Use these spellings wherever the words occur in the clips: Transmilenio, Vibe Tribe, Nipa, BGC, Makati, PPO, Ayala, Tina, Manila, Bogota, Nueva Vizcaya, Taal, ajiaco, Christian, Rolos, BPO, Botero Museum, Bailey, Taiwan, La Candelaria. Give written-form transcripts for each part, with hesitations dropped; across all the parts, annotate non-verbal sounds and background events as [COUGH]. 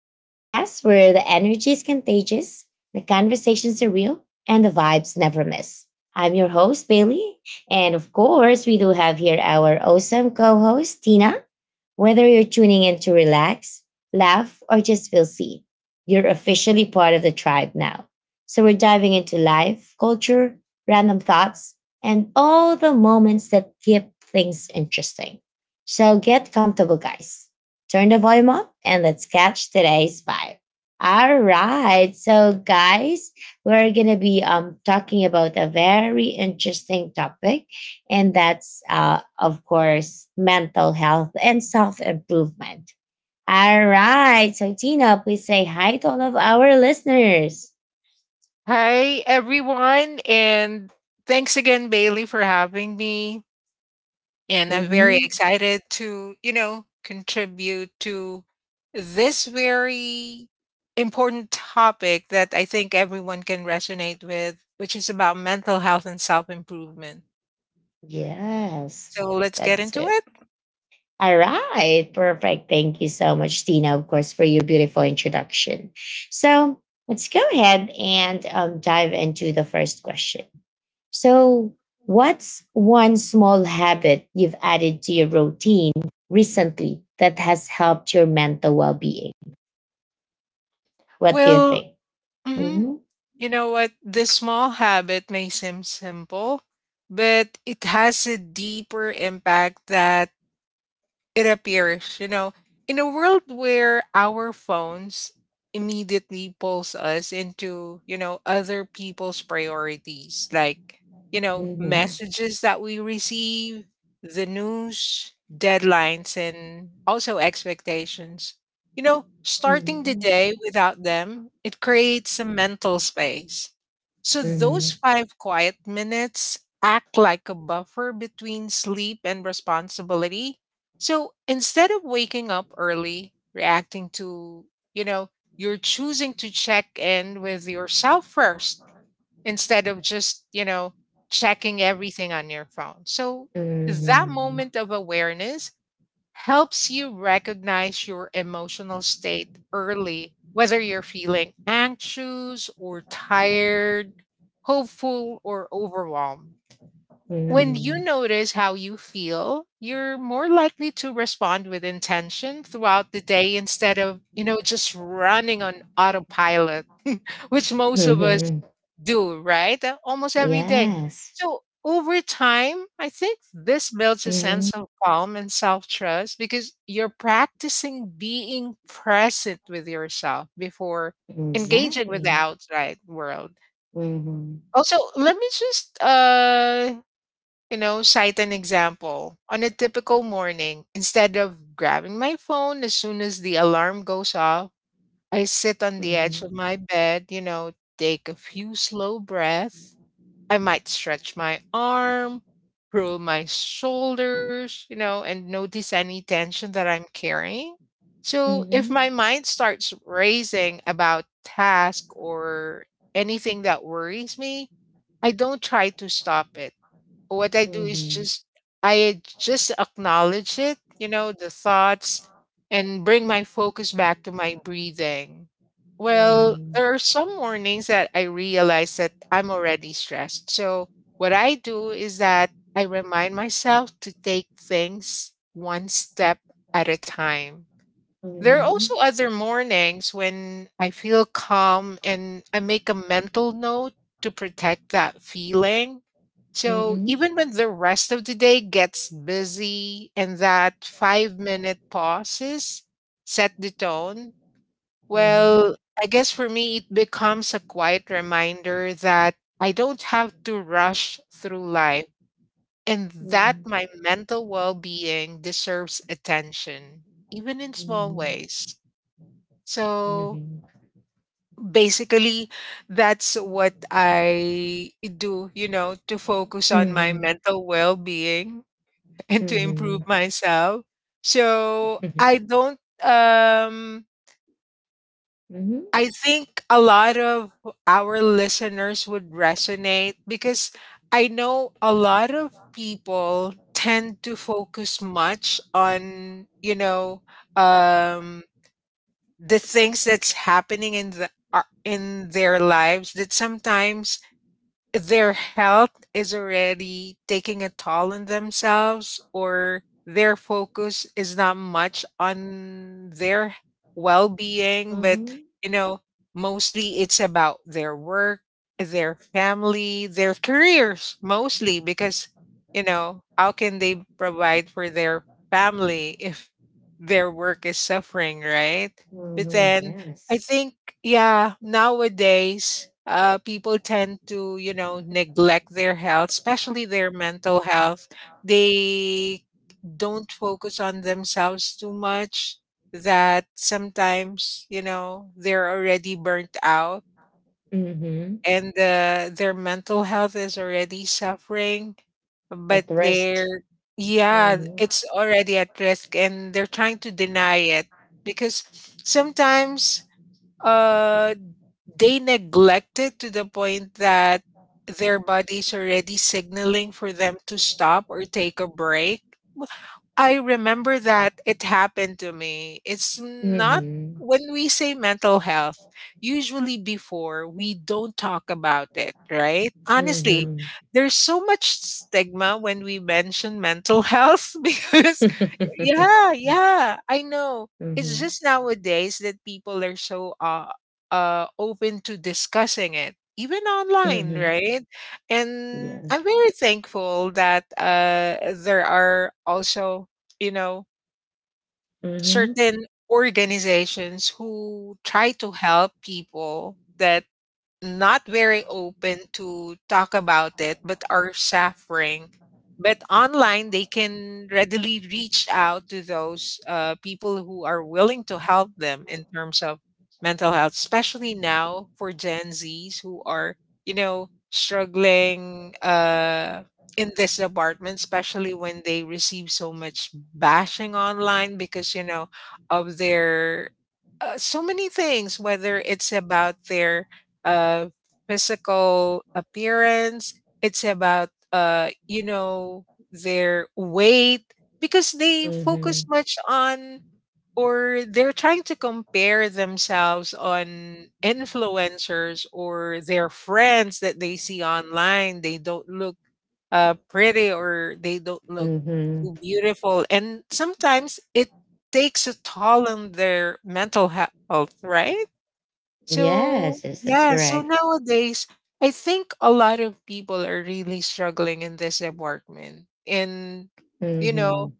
the podcast where the energy is contagious, the conversations are real, and the vibes never miss. I'm your host, Bailey. And of course, we do have here our awesome co host, Tina. Whether you're tuning in to relax, laugh, or just feel seen, you're officially part of the tribe now. So we're diving into life, culture, random thoughts, and all the moments that keep things interesting. So get comfortable, guys. Turn the volume up and let's catch today's vibe. All right. So, guys, we're going to be talking about a very interesting topic and that's of course mental health and self improvement. All right, so Tina, please say hi to all of our listeners. Hi, everyone, and thanks again, Bailey, for having me. And I'm very hmm excited to contribute to this very important topic that I think everyone can resonate with, which is about mental health and self improvement. Yes, So let's get that's into it. it. All right, perfect. Thank you so much, Tina, of course, for your beautiful introduction. So let's go ahead and dive into the first question. So, what's one small habit you've added to your routine recently that has helped your mental well being? What do you Well, think? mhm, Mm-hmm. you know what? This small habit may seem simple, but it has a deeper impact that it appears in a world where our phones immediately pulls us into other people's priorities, like Mm-hmm. messages that we receive, the news, deadlines, and also expectations. Starting the day without them, it creates a mental space. So Mm-hmm. those 5 quiet minutes act like a buffer between sleep and responsibility, so instead of waking up early, reacting to, you know, you're choosing to check in with yourself first instead of just checking everything on your phone. So that Mm-hmm. moment of awareness helps you recognize your emotional state early, whether you're feeling anxious or tired, hopeful or overwhelmed. When you Mm-hmm. notice how you feel, you're more likely to respond with intention throughout the day instead of just running on autopilot, [LAUGHS] which most Mm-hmm. of us Mm-hmm. do, right? Almost every day. Yes. So over time, I think this builds a Mm-hmm. sense of calm and self trust because you're practicing being present with yourself before engaging with the Exactly. outside world. Mm-hmm. Also, let me just cite an example. On a typical morning, instead of grabbing my phone as soon as the alarm goes off, I sit on the edge Mhm. of my bed, take a few slow breaths. I might stretch my arm, roll my shoulders, and notice any tension that I'm carrying. So if Mhm. my mind starts racing about task or anything that worries me, I don't try to stop it. What I do is Mhm. just I just acknowledge it, the thoughts, and bring my focus back to my breathing. Well, Mhm. there are some mornings that I realize that I'm already stressed. So what I do is that I remind myself to take things one step at a time. There are also Mhm. other mornings when I feel calm and I make a mental note to protect that feeling. So Mhm. even when the rest of the day gets busy and that 5-minute pauses set the tone, Mhm. well, I guess for me, it becomes a quiet reminder that I don't have to rush through life and that Mhm. my mental well being deserves attention, even in small ways. Mhm. So Mhm. basically, that's what I do, to focus on my Mhm. mental well being [LAUGHS] and to improve Mhm. myself. So I don't, Mhm. I think a lot of our listeners would resonate because I know a lot of people tend to focus much onum, the things that's happening in the ar in their lives that sometimes their health is already taking a toll on themselves, or their focus is not much on their well-being, but Mhm. you know mostly it's about their work, their family, their careers, mostly because you know how can they provide for their family if their work is suffering, right? But Mhm. then I Yes. think, yeah, nowadays, people tend to neglect their health, especially their mental health. They don't focus on themselves too much, that sometimes, they're already burnt out, Mm-hmm. and their mental health is already suffering, but At rest. Yeah, Mm-hmm. it's already at risk, and they're trying to deny it because sometimes uh they neglect it to the point that their body's already signaling for them to stop or take a break. I remember that it happened to me. It's not Mm-hmm. when we say mental health, usually before we don't talk about it, right? Honestly, Mm-hmm. there's so much stigma when we mention mental health, [LAUGHS] because, yeah, yeah, I know. It's Mm-hmm. just nowadays that people are so open to discussing it, even online, Hmm. right? [LAUGHS] Yeah. And I'm very thankful that there are also you know, Mm-hmm. certain organizations who try to help people that not very open to talk about it but are suffering. But online they can readily reach out to those people who are willing to help them in terms of mental health, especially now for gen z's who are struggling in this department, especially when they receive so much bashing online because you know of their so many things, whether it's about their uh, physical appearance. It's about their weight, because they Mm-hmm. focus much on, or they're trying to compare themselves on influencers or their friends that they see online. They don't look pretty, or they don't look Mm-hmm. too beautiful, and sometimes it takes a toll on their mental health, right? So, Yes, yes, that's yeah, so correct. nowadays, I think a lot of people are really struggling in this department. And, you Mm-hmm. know,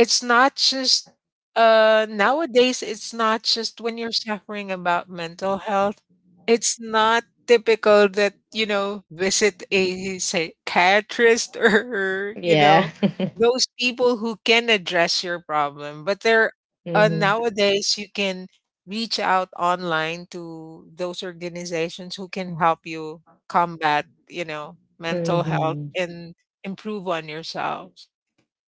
it's not just nowadays, it's not just when you're suffering about mental health. It's not typical that, visit a psychiatrist, [LAUGHS] or, you Yeah. know, [LAUGHS] those people who can address your problem. But there Mm-hmm. nowadays you can reach out online to those organizations who can help you combat, mental health Hmm. and improve on yourselves.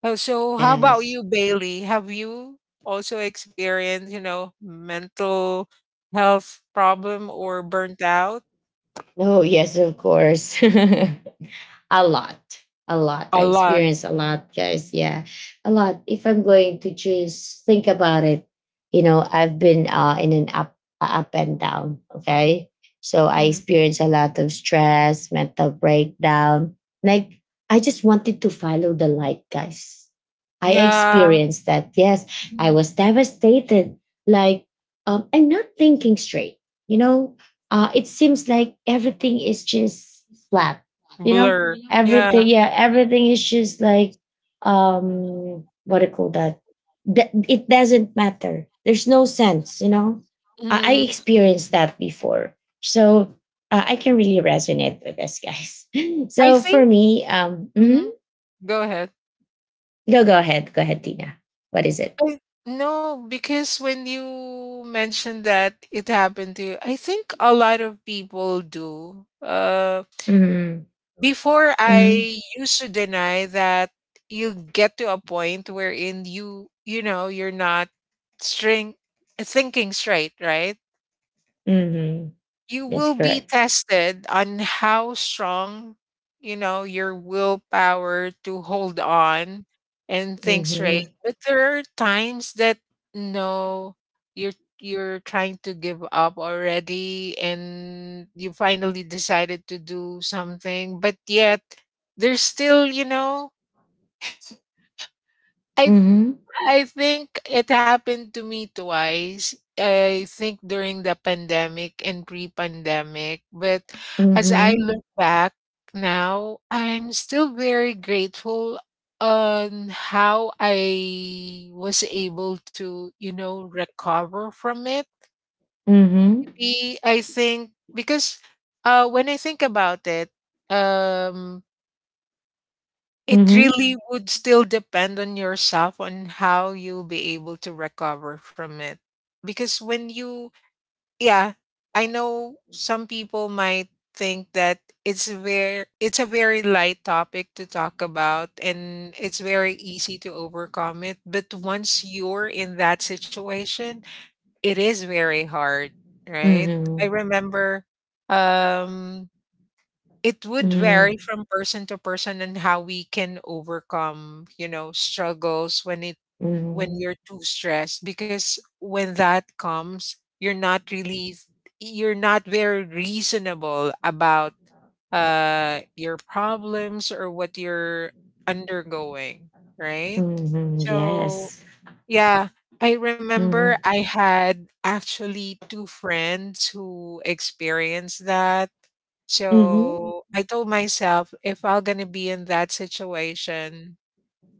Oh, so how about Yes. you, Bailey? Have you also experienced, mental health problem or burnt out? Oh, yes, of course. [LAUGHS] A lot. A lot. A I lot. experience a lot, guys. Yeah. A lot. If I'm going to just think about it, you know, I've been in an up and down. Okay. So I Hmm. experienced a lot of stress, mental breakdown. Like, I just wanted to follow the light, guys. I Yeah. experienced that. Yes, I Mhm. was devastated. Like, I'm not thinking straight. You know, it seems like everything is just flat. You know, Blur. Yeah. everything, yeah, everything is just like, what do you call that? It doesn't matter, there's no sense. I Mhm. experienced that before. So I can really resonate with this, guys. [LAUGHS] I So for think. me, Mhm. Go ahead. go ahead, go ahead, Tina, what is it? I, no, because when you mentioned that it happened to you, I think a lot of people do. Mm-hmm. Before Mm-hmm. I used to deny that you get to a point wherein you're not string thinking straight, right? Mm-hmm. You That's will be correct. tested on how strong, your willpower to hold on and think straight. Mm-hmm. But there are times that no, you're you're trying to give up already and you finally decided to do something, but yet there's still, I Mm-hmm. I think it happened to me twice. I think during the pandemic and pre-pandemic, but as I Mm-hmm. look back now, I'm still very grateful on how I was able to, recover from it. Mm-hmm. Maybe I think because when I think about it, um it Mm-hmm. really would still depend on yourself on how you'll be able to recover from it, because when you yeah, I know some people might think that it's a very light topic to talk about and it's very easy to overcome it, but once you're in that situation, it is very hard, right? I Mm-hmm. remember, um it would vary Mm-hmm. from person to person and how we can overcome, struggles when it when Mm-hmm. you're too stressed, because when that comes, you're not very reasonable about your problems or what you're undergoing, right? Mhm, So, yes. yeah, I remember Mhm. I had actually two friends who experienced that, Mhm. so I told myself if I'm gonna be in that situation,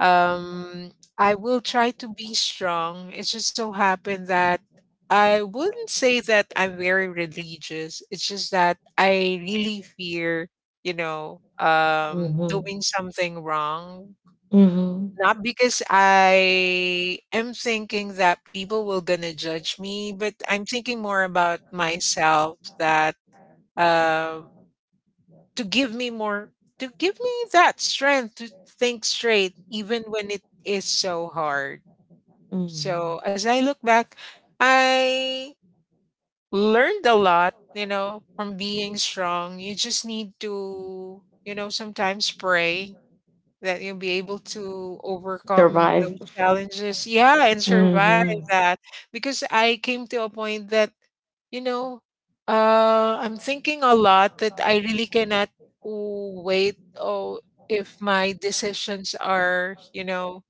um, I will try to be strong. It just so happened that I wouldn't say that I'm very religious. It's just that I really fear, Mhm. doing something wrong. Mhm. Not because I am thinking that people will gonna judge me, but I'm thinking more about myself, that um to give me more to give me that strength to think straight even when it is so hard. So Mhm. as I look back, I learned a lot, you know, from being strong. You just need to, you know, sometimes pray that you'll be able to overcome Survive. those challenges, yeah, and survive Mhm. that. Because I came to a point that, you know, I'm thinking a lot that I really cannot wait. Oh, if my decisions are, you know,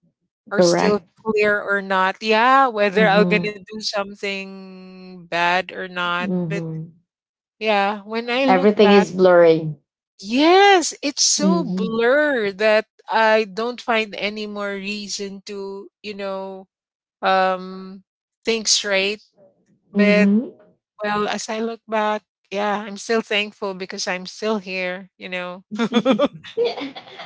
are still Correct. clear or not. Yeah, whether I'm gonna Mhm. do something bad or not. But Mhm. yeah, when I look Everything back. is blurring. Yes, it's so Mhm. blurred that I don't find any more reason toum, think straight. But Mhm. well, as I look back, yeah, I'm still thankful because I'm still here. [LAUGHS]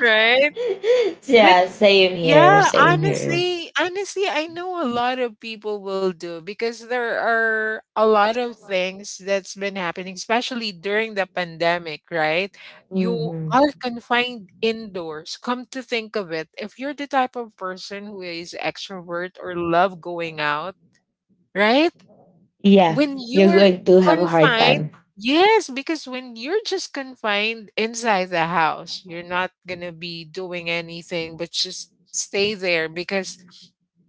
Right? But Yeah, same here, yeah, same here. honestly, I know a lot of people will do because there are a lot of things that's been happening, especially during the pandemic, right? You Mhm. are confined indoors. Come to think of it, if you're the type of person who is extrovert or love going out, right? Yeah, When you're you're going to have a hard confined time. Yes, because when you're just confined inside the house, you're not gonna be doing anything but just stay there because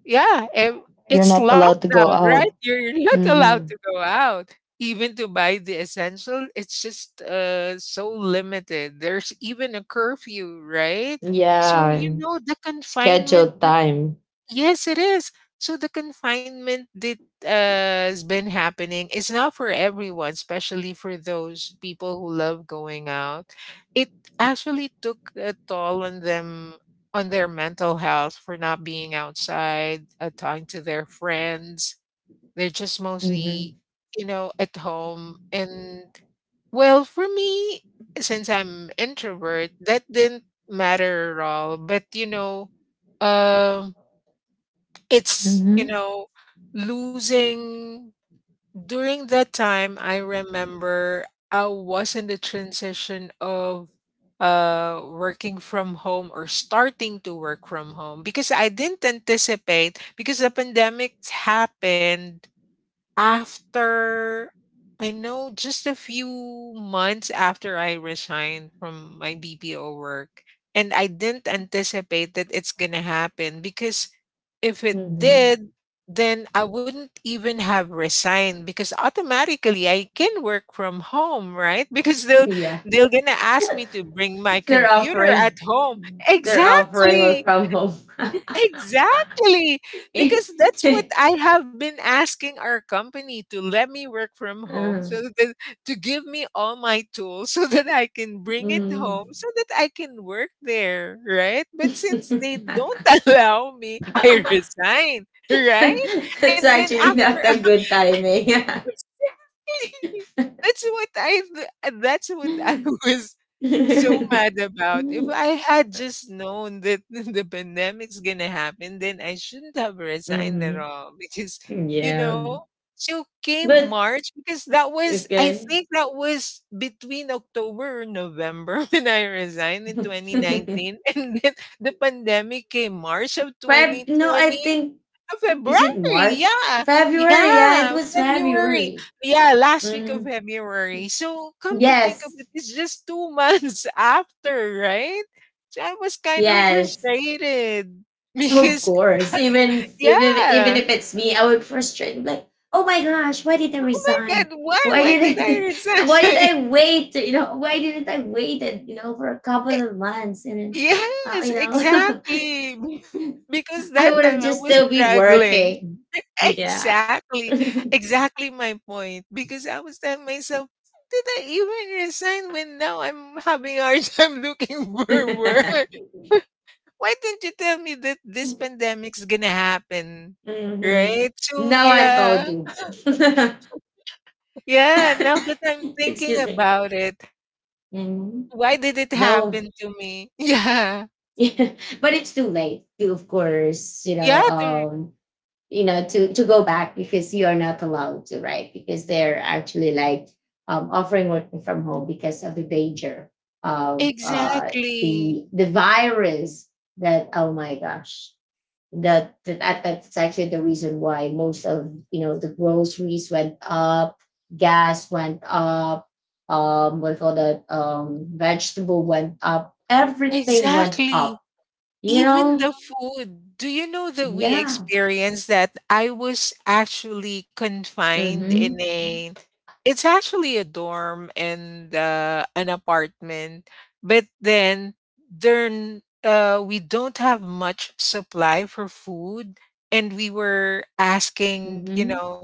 yeah, You're it's not allowed to go lockdown, right? out. You're not allowed Mhm. to go out. Even to buy the essential, it's just so limited. There's even a curfew, right? So Yeah, you know the confinement. scheduled time. Yes, it is. So the confinement that has been happening is not for everyone, especially for those people who love going out. It actually took a toll on them, on their mental health for not being outside, talking to their friends. They're just mostly, Mhm. you know, at home. And well, for me, since I'm introvert, that didn't matter at all. But you know, um it's, you know, losing during that time, I remember I was in the transition of working from home or starting to work from home because I didn't anticipate because the pandemic happened after. I know just a few months after I resigned from my BPO work, and I didn't anticipate that it's going to happen because if it Hmm. did, then I wouldn't even have resigned because automatically I can work from home, right? [LAUGHS] Because Yeah, they're gonna ask [LAUGHS] me to bring my they're computer at offering. home. They're offering work Exactly. from home. [LAUGHS] Exactly, because that's what I have been asking our company to let me work from home so Mm. that to give me all my tools [LAUGHS] so that I can bring it Mm. home so that I can work there, right? But since they don't [LAUGHS] allow me, I [LAUGHS] resign, right? That's And then actually after not [LAUGHS] a good timing. [LAUGHS] That's what I [LAUGHS] [LAUGHS] was so mad about. If I had just known that [LAUGHS] the pandemic's gonna happen, then I shouldn't have resigned at Hmm. all because you Yeah, know. So came but March because that was I okay. think that was between October or November [LAUGHS] when I resigned in [LAUGHS] 2019, and then the pandemic came March of Feb? No, I 2020. think, February, is it March? yeah. February? Yeah, Yeah, it was February. February. Yeah, last week of Mm. February. So come to think of Yes. it, it's just 2 months [LAUGHS] after, right? So I was kind of Yes, frustrated of because course. Even yeah. if it's me, I would frustrate. I'm like, oh my gosh, why did I Oh my god, resign? why Why why did I didn't, [LAUGHS] why did resign? [LAUGHS] I wait? You know, why didn't I wait? And you know, for a couple of months, and then uh, Yes, you know, exactly. [LAUGHS] Because [LAUGHS] I that would time have I just was still be struggling. working. Yeah. Exactly, [LAUGHS] exactly my point, because I was telling myself, "Did I even resign when now I'm having a hard time [LAUGHS] looking for work? Why didn't you tell me that this pandemic's gonna happen?" Mhm. Right? So No one yeah, told you. [LAUGHS] yeah, now that I'm thinking Excuse me. about it, Mhm. why did it No. happen to me? [LAUGHS] Yeah. [LAUGHS] But it's too late to, of course, you know, Yeah, to to go back because you are not allowed to, right? Because they're actually like offering working from home because of the danger of exactly. the virus. That, oh my gosh, that's actually the reason why most of, you know, the groceries went up, gas went up, what we call that vegetable went up, everything went up, Exactly. you Even know, the food. Do you know that we yeah. experienced that? I was actually confined in. Mhm. Mhm. a it's actually a dorm and, an apartment, but then, we don't have much supply for food, and we were asking, you Mhm. know,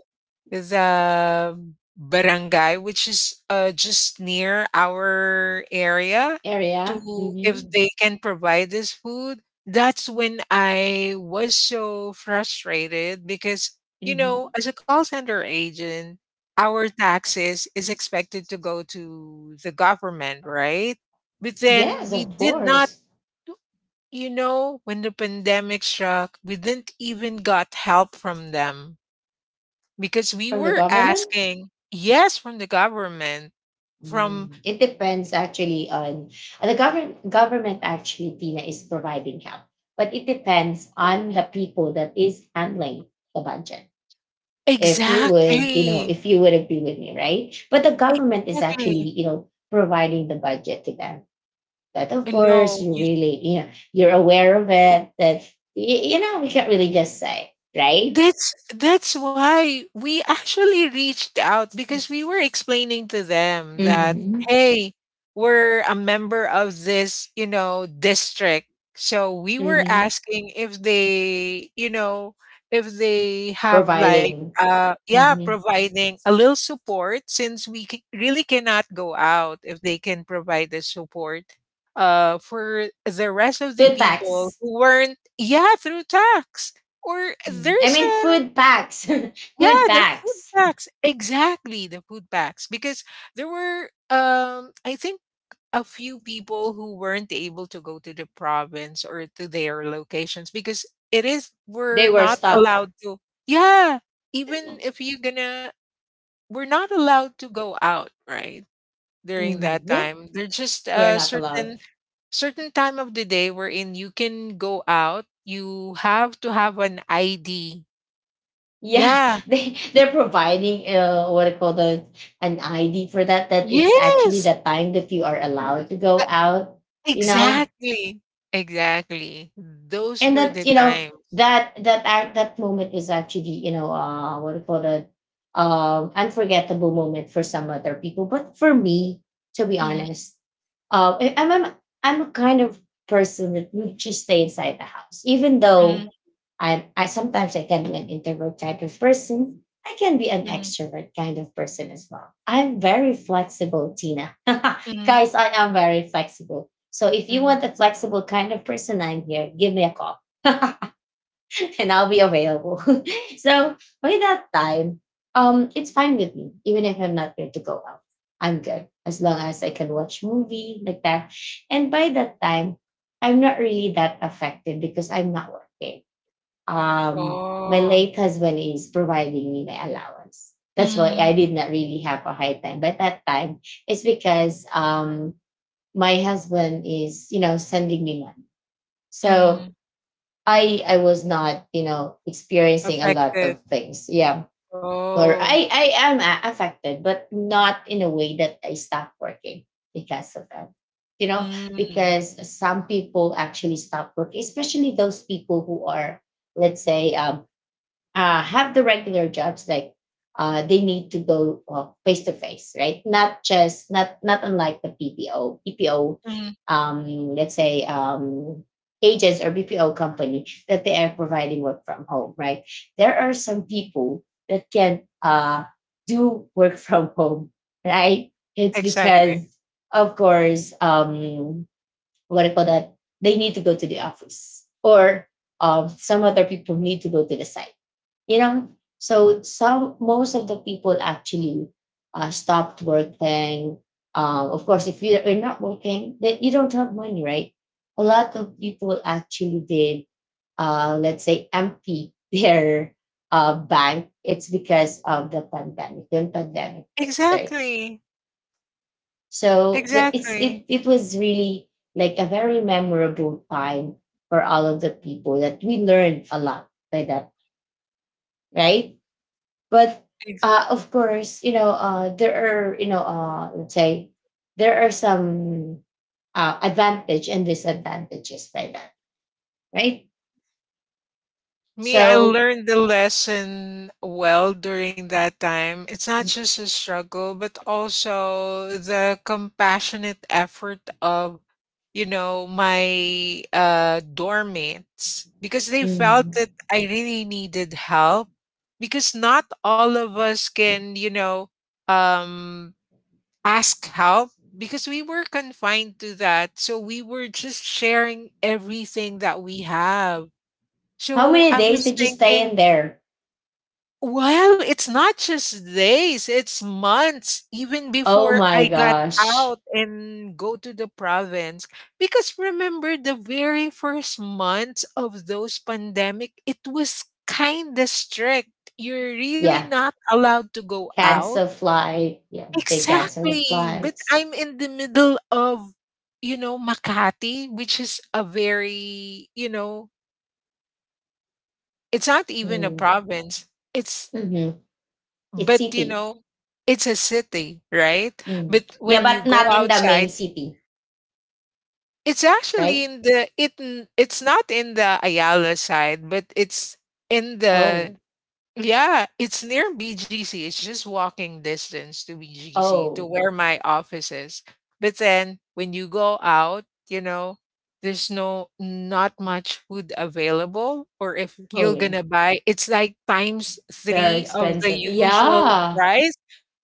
the barangay, which is, just near our area, Area. to if Mhm. they can provide this food. That's when I was so frustrated because, you know, Mhm. as a call center agent, our taxes is expected to go to the government, right? But then Yes, we of did not, course. you know, when the pandemic struck, we didn't even got help from them because we From the were government? asking, yes, from the government, from Mm, it depends actually on the government government actually, Tina, is providing help. But it depends on the people that is handling the budget. If you would, you know, exactly, if you would agree with me, right? But the government is exactly. actually, you know, providing the budget to them, that of course No, you really, you know, you're aware of it, that you know, we can't really just say, right? that's why we actually reached out because we were explaining to them that Mm-hmm. hey, we're a member of this, you know, district. So we were Mm-hmm. asking if they, you know, if they have like Providing. Yeah, Mm-hmm. providing a little support since we c- really cannot go out, if they can provide the support for the rest of the Food people packs. who weren't yeah, through tax. Or Mm-hmm. I there's mean, a food packs. [LAUGHS] Food yeah, the food packs. packs. Exactly, the food packs. Because there were I think a few people who weren't able to go to the province or to their locations because it is They we're were not stuck. allowed to. Yeah. Even if you're gonna we're not allowed to go out, right? During that Mm-hmm. Yeah, time. There's just we're a not certain allowed. certain time of the day wherein you can go out. You have to have an ID. Yeah, Yeah. [LAUGHS] they they're providing what I call the an ID for that. That it's actually the Yes, time that you are allowed to go uh, out. You know, exactly, exactly. Those and were that, the you know, times. that that act that moment is actually, you know, what do you call it unforgettable moment for some other people. But for me, to be Mhm, honest, I'm a kind of person that would just stay inside the house. Even mhm, though I sometimes I can be an introvert type of person, I can be an mhm, extrovert kind of person as well. I'm very flexible, Tina. [LAUGHS] mhm, Guys, I am very flexible. So if you mhm. want a flexible kind of person, I'm here. Give me a call. [LAUGHS] And I'll be available. [LAUGHS] So by that time, it's fine with me, even if I'm not going to go out. I'm good as long as I can watch movie like that. And by that time, I'm not really that affected because I'm not working. Um, my Oh. late husband is providing me my allowance. That's why Mhm, I did not really have a hard time. But that time, it's because my husband is, you know, sending me money, so mhm. I was not, you know, experiencing a lot Affected. of things. Yeah. Or Oh. I am affected, but not in a way that I stopped working because of that, you know. Mm, Because some people actually stop working, especially those people who are, let's say, have the regular jobs, like they need to go face to face, right? Not just not not unlike the PPO. PPO, mm. Let's say, agents or BPO company, that they are providing work from home, right? There are some people that can do work [LAUGHS] from home, right? It's Exactly. because of course, what do you call that? They need to go to the office, or some other people need to go to the site, you know. So some, most of the people actually stopped working. Of course, if you're not working, then you don't have money, right? A lot of people actually did, let's say, empty [LAUGHS] their bank. It's because of the pandemic, the pandemic hits, right? Exactly. So Exactly. it was really like a very memorable time for all of the people, that we learned a lot by that, right? But Ex. Of course, you know, there are, you know, let's say there are some advantage and disadvantages by that, right? Me, I So learned the lesson well during that time. It's not just a struggle, but also the compassionate effort of you know, my dorm mates because they felt mm, that I really needed help because not all of us can, you know, um, ask help because we were confined to that. So we were just sharing everything that we have. how So many I days was did you stay thinking, in there? well, it's not just days, it's months, even Oh before my I got gosh. out and go to the province. Because remember, the very first months of those pandemic, it was kind of strict. You're really Yeah, not allowed to go out. cancel flight, yeah, they cancel the Exactly. But flights. I'm in the middle of, you know, Makati, which is a very, you know, it's not even a Mm. province. It's. Hmm. It's But you city. know, it's a city, right? Mm. But Yeah, when you but go not in the main outside, city. it's actually Right. in the it's not in the Ayala side, but it's in Oh. the yeah, it's near BGC. It's just walking distance to BGC, to Oh. where my office is. But then when you go out, you know, there's no not much food available. Or if Oh, you're yeah. gonna buy, it's like times Very three of the expensive. usual Yeah. price.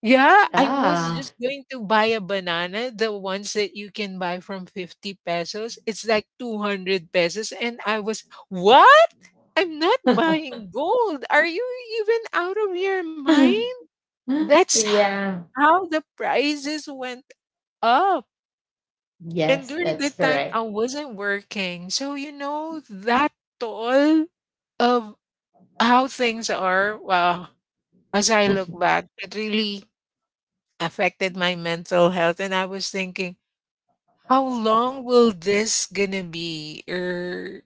Yeah, I was Yeah. just going to buy a banana, the ones that you can buy from 50 pesos. It's like 200 pesos. And I was, what? I'm not [LAUGHS] buying gold. Are you even out of your mind? That's Yeah. how the prices went up. And Yes, during that's that time, I correct. wasn't working. So, you know, that toll of how things are, wow, as I look back, it really affected my mental health. And I was thinking, how long will this gonna be? Or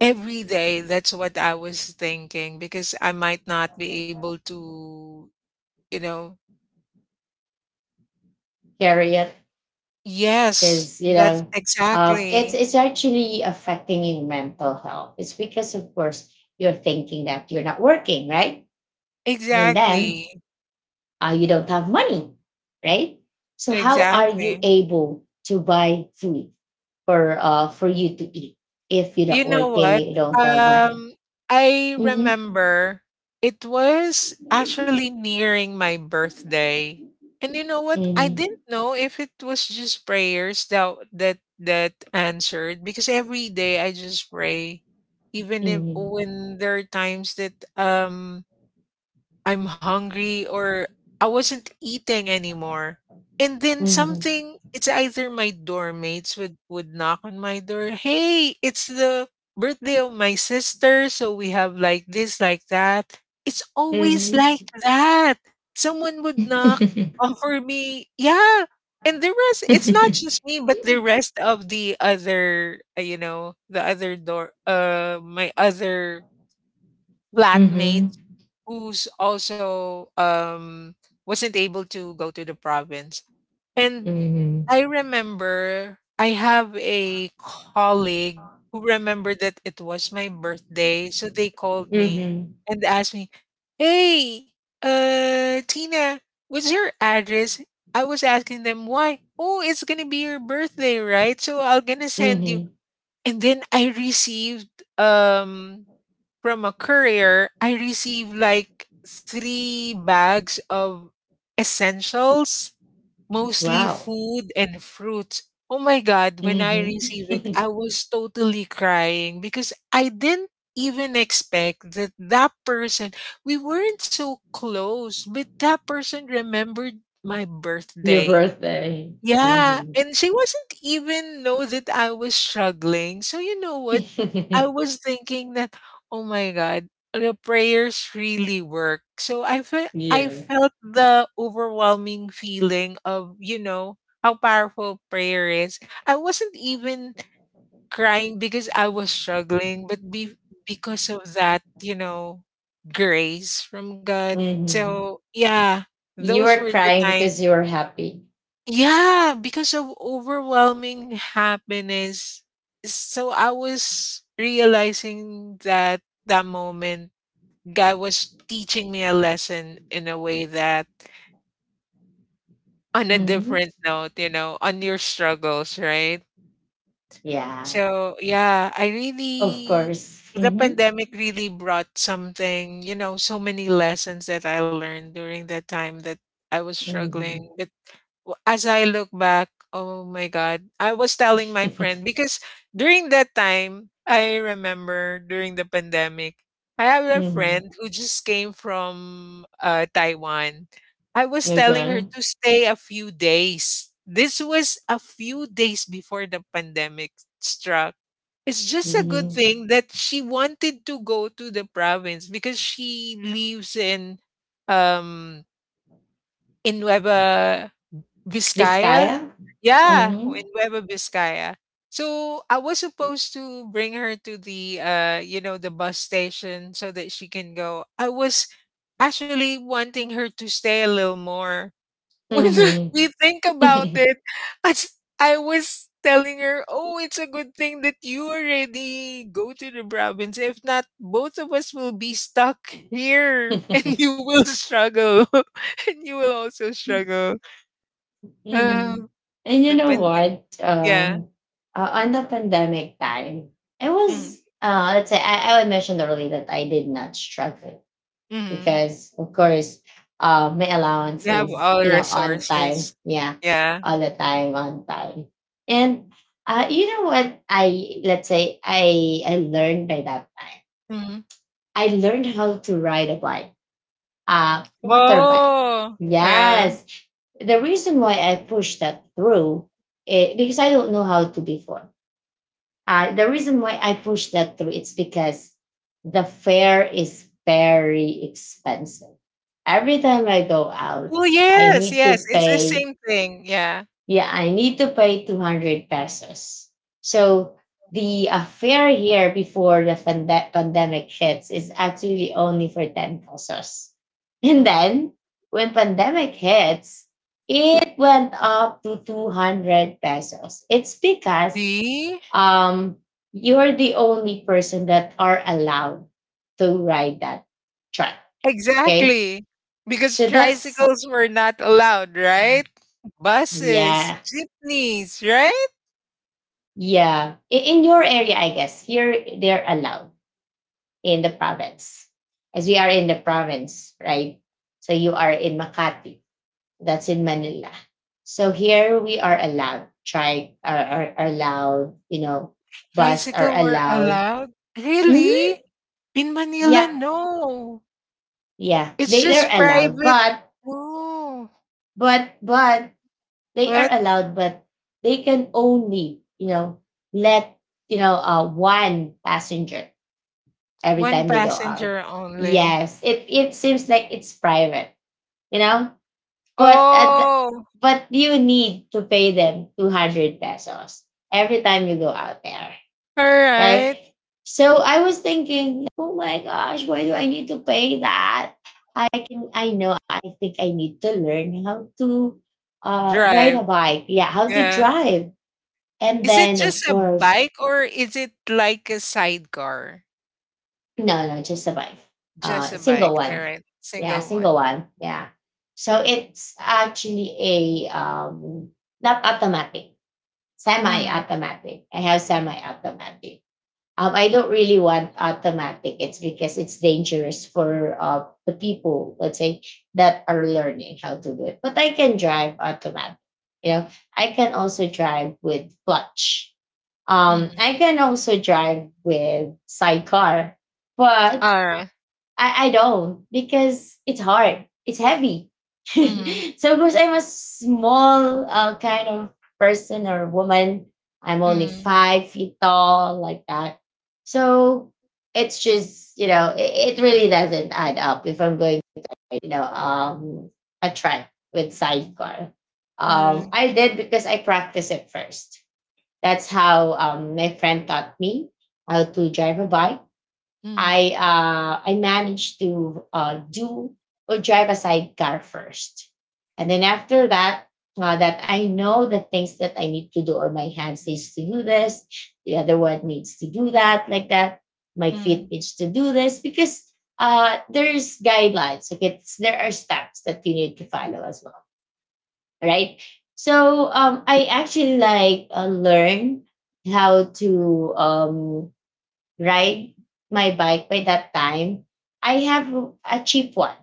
every day, that's what I was thinking, because I might not be able to. You know? [LAUGHS] Carry it Yes, is, you that's know, it's exactly. Actually affecting your mental health. It's because, of course, you're thinking that you're not working, right? And Exactly. then you don't have money, right? So how are you Exactly. able to buy food for you to eat if you're You not know working, what? you don't have money? Um, I Mhm. remember it was Mhm. actually nearing my birthday. And you know what? I didn't Mhm. know if it was just prayers that answered because every day I just pray even if, when there are times that I'm hungry or I wasn't eating anymore. And then Mhm. something it's either my dorm mates would, knock on my door, hey, it's the birthday of my sister, so we have like this, like that. It's always Mhm. like that. Someone would knock, [LAUGHS] offer me, yeah. And the rest, it's not just me, but the rest of the other, you know, the other door, my other Mhm. flatmate who's also wasn't able to go to the province. And Mhm. I remember I have a colleague who remembered that it was my birthday, so they called me Mhm. and asked me, "Hey, Tina, what's your address?" I was asking them why. "Oh, it's going to be your birthday, right? So I will going to send you." Mhm. And then I received um from a courier, I received like three bags of essentials, mostly Wow. food and fruits. Oh my God, when I Hmm. received it, [LAUGHS] I was totally crying because I didn't even expect that that person, we weren't so close, but that person remembered my Your birthday. birthday. Yeah, Hmm. and she wasn't even know that I was struggling. So you know what? I [LAUGHS] was thinking that, oh my God, the prayers really work. So I Yeah. felt the overwhelming feeling of, you know, how powerful prayer is. I wasn't even crying because I was struggling, but because of that, you know, grace from God. Hmm. So yeah, You those were were the crying because you were happy. yeah, because of overwhelming happiness. So I was realizing that that moment, God was teaching me a lesson in a way that on a Hmm. different note, you know, on your struggles, right? Yeah, So yeah, I of really, course. the Hmm. pandemic really brought something, you know, so many lessons that I learned during that time that I was Hmm. struggling. But as I look back, oh my God, I was telling my Hmm. friend because during that time, I remember during the pandemic, I have a friend [LAUGHS] who just came from Taiwan. I was telling her Okay. to stay a few days. This was a few days before the pandemic struck. It's just a good Hmm. thing that she wanted to go to the province because she lives um in Nueva Vizcaya, Vizcaya? yeah, [LAUGHS] Mm-hmm. in Nueva Vizcaya. So I was supposed to bring her to the you know, the bus station so that she can go. I was actually wanting her to stay a little more. [LAUGHS] When Hmm. we think about [LAUGHS] it, as I was telling her, "Oh, it's a good thing that you already go to the province. If not, both of us will be stuck here, [LAUGHS] and Mhm. you will struggle, [LAUGHS] and you will also struggle." [LAUGHS] Uh, And you the know pand- what? yeah. On the pandemic time, it was, Mhm, let's say, I mentioned earlier that I did not struggle mhm. because, of course, my allowance You have is, all the you know, on time. resources. Yeah, Yeah. all the time, on time. And you know what? Let's say, I learned by that time. Mhm. I learned how to ride a bike, motorbike. Oh, yeah. Yes. The reason why I pushed that through, eh, because I don't know how to before. The reason why I pushed that through, it's because the fare is very expensive. Every time I go out, Oh, I yes, need to yes, it's the pay, same thing, yeah. yeah, I need to pay 200 pesos. So the fare here before the pandemic hits is actually only for 10 pesos. And Mhm. then when pandemic hits, it went up to 200 pesos. It's because See? um, you're the only person that are allowed to ride that truck. Okay. Exactly, because So that's, tricycles were not allowed, right? Buses, yeah. jeepneys, right? Yeah. In your area, I guess, here they're allowed in the province. As we are in the province, right? So you are in Makati, that's in Manila. So here we are allowed, try are, are allowed, you know, bus are Tricycle were allowed. allowed? Mhm. Really? In Manila, Yep. no. Yeah. It's They're just allowed, private. but Oh, but they are what? allowed, but they can only, let one passenger every One time they go out. passenger only. Yes, it seems like it's private, you know. But at Oh, but you need to pay them 200 pesos every time you go out there. alright. Okay, so I was thinking, oh my gosh, why do I need to pay that? I think I need to learn how to ride Drive, a bike. Yeah, how to yeah. drive. And Is it then of just a course. bike or is it like a sidecar? No, no, just a wife. Just a Single bike, one. alright. Yeah, Single single one. one. Yeah. So it's actually a not automatic, Mhm, semi-automatic. I have semi-automatic. I don't really want automatic. It's because it's dangerous for the people, let's say, that are learning how to do it. But I can drive automatic. You know, I can also drive with clutch. Mhm. I can also drive with sidecar, but Alright. I don't because it's hard. It's heavy. [LAUGHS] Mhm, So because I'm a small kind of person or woman, I'm only mhm. 5 feet tall, like that. So it's just, you know, it really doesn't add up if I'm going to, like, a track with sidecar. Um, Alright. I did because I practiced it first. That's how my friend taught me how to drive a bike. Mm, I managed to do or drive a sidecar first, and then after that, that I know the things that I need to do, or my hand needs to do this, the other one needs to do that, like that. My feet mm. needs to do this because there's guidelines. Okay, there are steps that you need to follow as well, right? So I actually like learn how to ride my bike. By that time, I have a cheap one,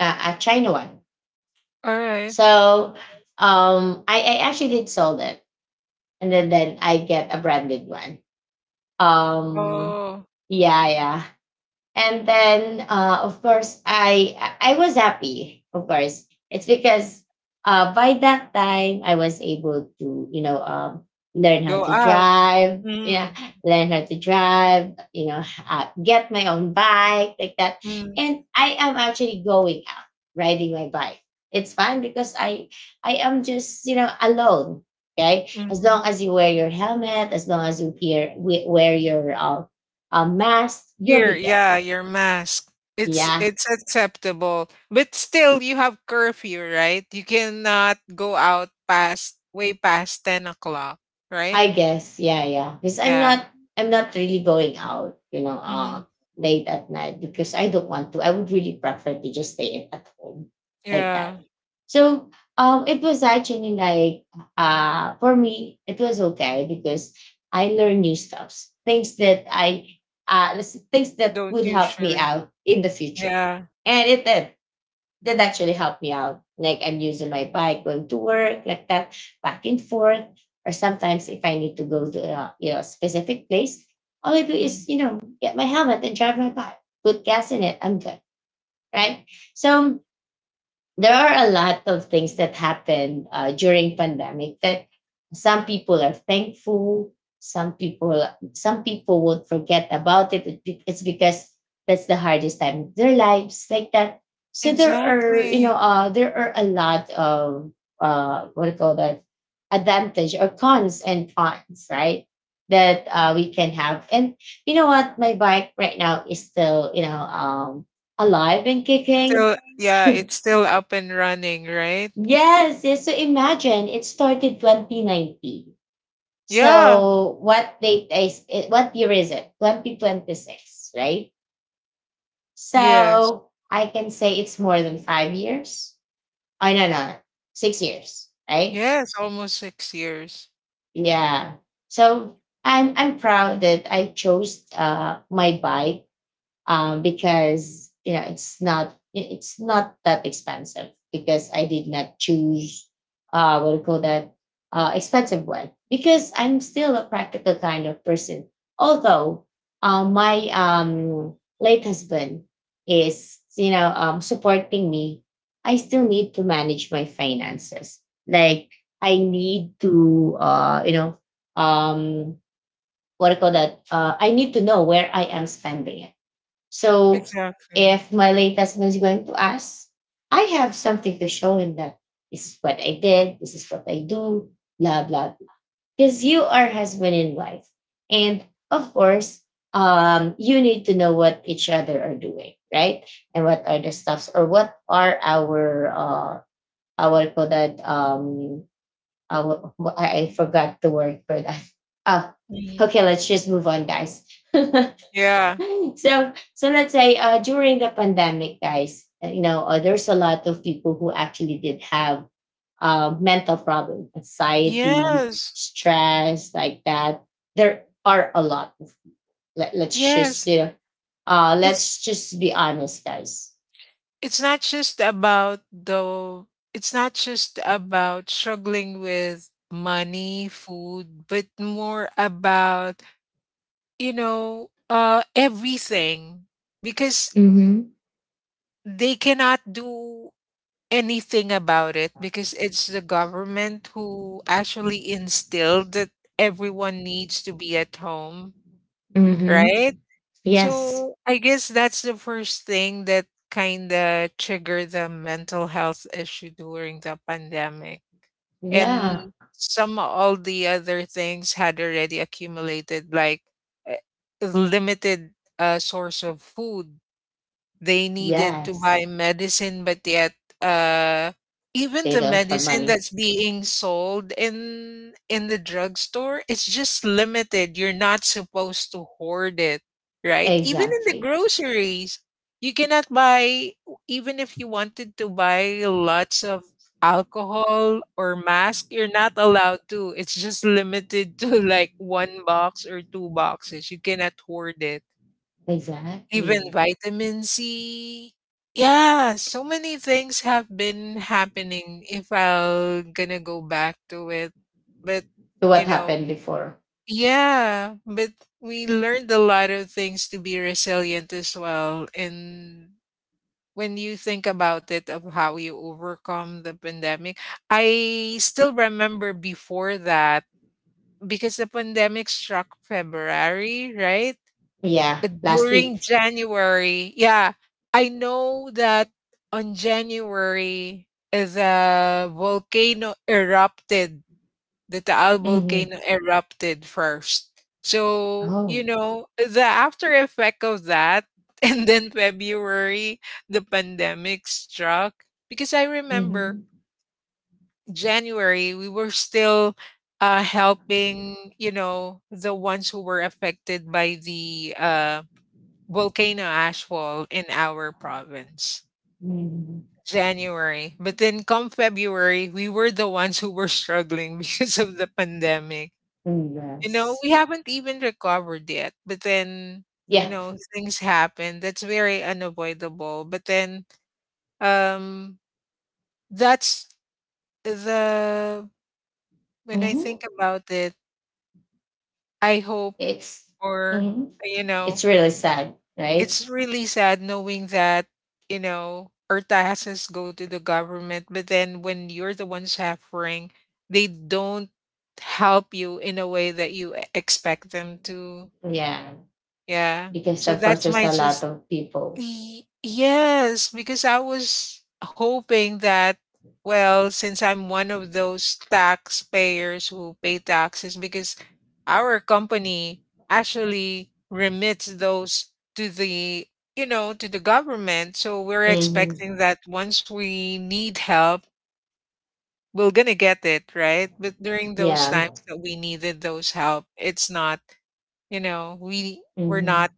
a China one. Alright. So I actually did sold it, and then I get a branded one. Um, Oh, yeah, yeah. And then, of course, I was happy. Of course, it's because by that time I was able to learn how go to out. drive. Yeah, Mm, learn how to drive. You know, get my own bike like that. mm, And I am actually going out riding my bike. It's fun because I am just alone. Okay, as mhm. long as you wear your helmet, as long as you wear wear your a mask, you'll Your be good. yeah, your mask. Yeah, It's acceptable. But still you have curfew, right? You cannot go out past way past 10 o'clock, right? I guess. Yeah, yeah. Because Yeah. I'm not really going out, you know, Mm, late at night because I don't want to. I would really prefer to just stay at home like yeah. that. So um, it was actually like uh, for me it was okay because I learned new stuffs. Things that I things that Don't would help me usually. out in the future. Yeah. And it did. That actually helped me out. Like I'm using my bike going to work, like that, back and forth. Or sometimes if I need to go to a specific place, all I do Mm, is get my helmet and drive my bike, put gas in it. I'm good, right? So there are a lot of things that happen during pandemic that some people are thankful, some people some people would forget about it. It's because that's the hardest time of their lives like that. So there are exactly. There are a lot of what do you call that, advantage or cons and cons, right, that we can have. And you know what, my bike right now is still alive and kicking. Still, [LAUGHS] yeah, So it's still up and running, right? yes, yes. So imagine it started 2019. Yeah. So what date is it, what year is it? 2026, right? Yes. So I can say it's more than 5 years. Oh no, no, 6 years, right? Yes, almost 6 years. Yeah. So I'm proud that I chose uh, my bike, because you know it's not that expensive because I did not choose what do you call that, expensive one, because I'm still a practical kind of person. Although my late husband is supporting me, I still need to manage my finances. Like I need to you know, um, what do you call that? I need to know where I am spending it. So Exactly. if my late husband is going to ask, I have something to show him that this is what I did, this is what I do, blah blah. Because you are husband and wife, and of course, you need to know what each other are doing, right? And what are the stuffs, or what are uh, our call that our, I forgot the word for that. Oh, Mhm. okay, let's just move on, guys. [LAUGHS] Yeah. So so let's say during the pandemic, guys, you know, there's a lot of people who actually did have mental problems, anxiety, Yes. stress, like that. There are a lot. Let's just Yes. you know, It's let's just be honest, guys. it's not just about the it's not just about struggling with money, food, but more about everything, because Mm-hmm. they cannot do anything about it because it's the government who actually instilled that everyone needs to be at home, Mm-hmm. right? Yes. So, I guess that's the first thing that kinda triggered the mental health issue during the pandemic, and Yeah. some all the other things had already accumulated, like, eh, limited, source of food. They needed to Yes. buy medicine, but yet, uh, even They the don't have medicine money. that's being sold in the drugstore, it's just limited. You're not supposed to hoard it, right? Even in the Exactly. groceries, you cannot buy, even if you wanted to buy lots of alcohol or mask, you're not allowed to. It's just limited [LAUGHS] to like one box or two boxes. You cannot hoard it. Even Exactly. vitamin C. Yeah, so many things have been happening if I'll gonna go back to it. But, So you what know, happened before? yeah, but we learned a lot of things to be resilient as well. And when you think about it, of how you overcome the pandemic, I still remember before that, because the pandemic struck February, right? Yeah, last During week. January. Yeah. I know that on January is a volcano erupted. The Taal Mhm. volcano erupted first. So, you Oh. know, the after effect of that, [LAUGHS] and then February, the pandemic struck. Because I remember Mhm. January, we were still helping, you know, the ones who were affected by the volcano ashfall in our province. Mhm. January. But then come February, we were the ones who were struggling [LAUGHS] because of the pandemic. Mm, You know, yes. we haven't even recovered yet. But then, you Yeah. know, things happen. That's very unavoidable. But then um that's the when I think Mhm. about it, I hope It's or mhm. you It's know, really sad, right? it's really sad knowing that, you know, our taxes go to the government, but then when you're the one suffering, they don't help you in a way that you expect them to. Yeah. Yeah. Because So of course that's there's my a lot just of people. Yes, because I was hoping that, well, since I'm one of those taxpayers who pay taxes, because our company actually remits those to the, you know, to the government. So we're Mhm. expecting that once we need help, we're gonna get it, right? But during those Yeah. times that we needed those help, it's not, you know, we're Mhm. not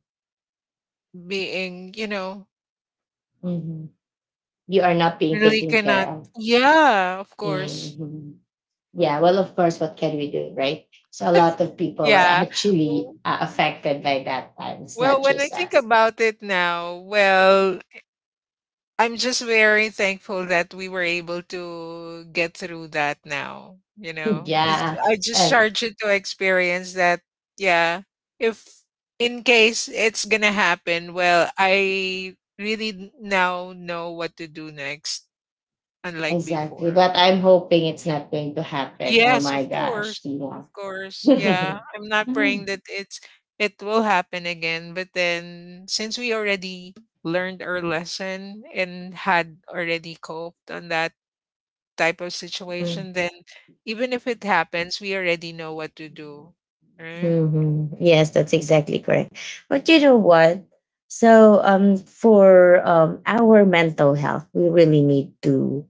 being, you know, Mhm. You are not being really taken care cannot. of. Yeah, of course. Mhm. Yeah. Well, of course, what can we do, right? So a lot of people were Yeah. actually W- affected by that time. It's not Well, when I just think us. about it now, well, I'm just very thankful that we were able to get through that now. You [LAUGHS] know, it's, Yeah. I just charge it to experience that, yeah, if in case it's going to happen, well, I really now know what to do next, unlike Exactly. before. But I'm hoping it's not going to happen. Oh Yes, my of gosh, course, of Tina. [LAUGHS] course. Hmm. Yeah, I'm not praying that it will happen again, but then since we already learned our lesson and had already coped on that type of situation, then even if it happens, we already know what to do, right? Mm-hmm. Yes, that's exactly correct. But you know what? So, for our mental health, we really need to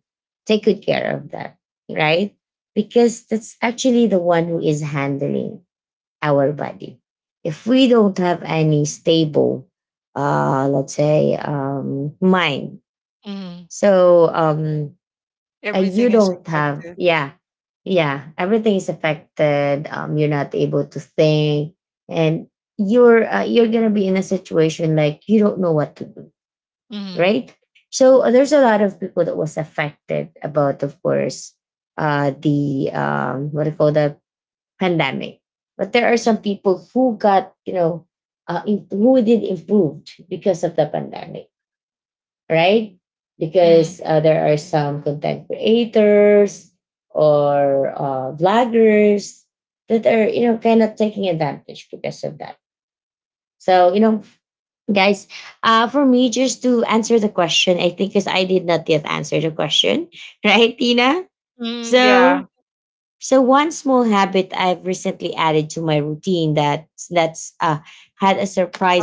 take good care of that, right? Because that's actually the one who is handling our body. If we don't have any stable, let's say, mind, Mhm. so Everything you is don't have, effective. yeah, yeah, everything is affected. You're not able to think, and you're gonna be in a situation like you don't know what to do, Mm-hmm. right? So there's a lot of people that was affected about, of course, the what do you call the pandemic. But there are some Mm. people who got, you know, who did improved because of the pandemic, right? Because Mm, there are some content creators or vloggers that are, you know, kind of taking advantage because of that. So, you know, guys, for me, just to answer the question, I think because I did not yet answer the question, [LAUGHS] right, Tina? mm. Yeah. So, so one small habit I've recently added to my routine that that's had a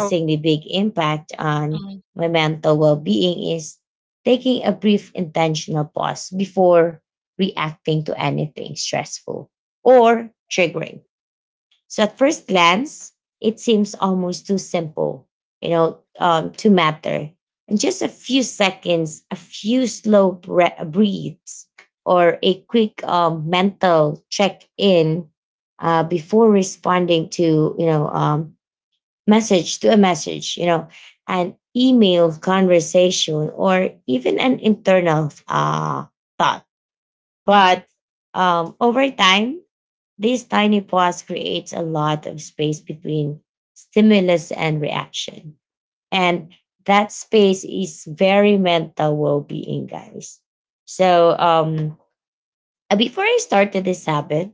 Oh, big impact on mm, my mental well-being is taking a brief intentional pause before reacting to anything stressful or triggering. So at first glance, it seems almost too simple, you know, to matter. And just a few seconds, a few slow breaths, or a quick mental check-in before responding to, you know, message to a message, you know, an email conversation, or even an internal thought. mm, But over time, this tiny pause creates a lot of space between stimulus and reaction. And that space is very mental well being, guys. So, before I started this habit,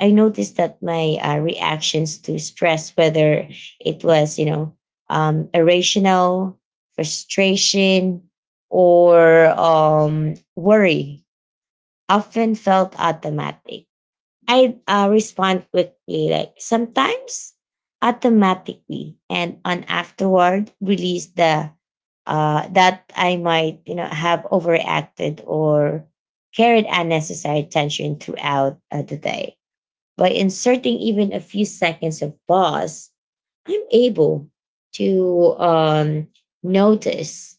I noticed that my reactions to stress, whether it was, you know, irrational, frustration, or worry, often felt automatic. I respond quickly, like sometimes automatically, and on afterward release the that I might you know have overacted or carried unnecessary tension throughout the day. By inserting even a few seconds of pause, I'm able to notice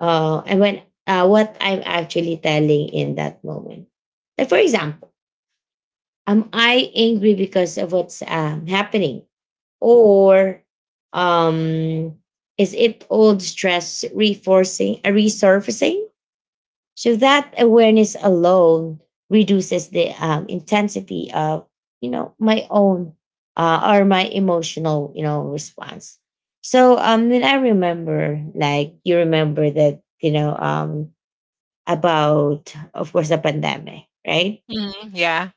and when what I'm actually telling in that moment. Like for example, am I angry because of what's happening? Or um, is it old stress reforcing, resurfacing? So that awareness alone reduces the intensity of, you know, my own or my emotional, you know, response. So when I remember, like you remember that, you know, about, of course, the pandemic, right? mm, yeah.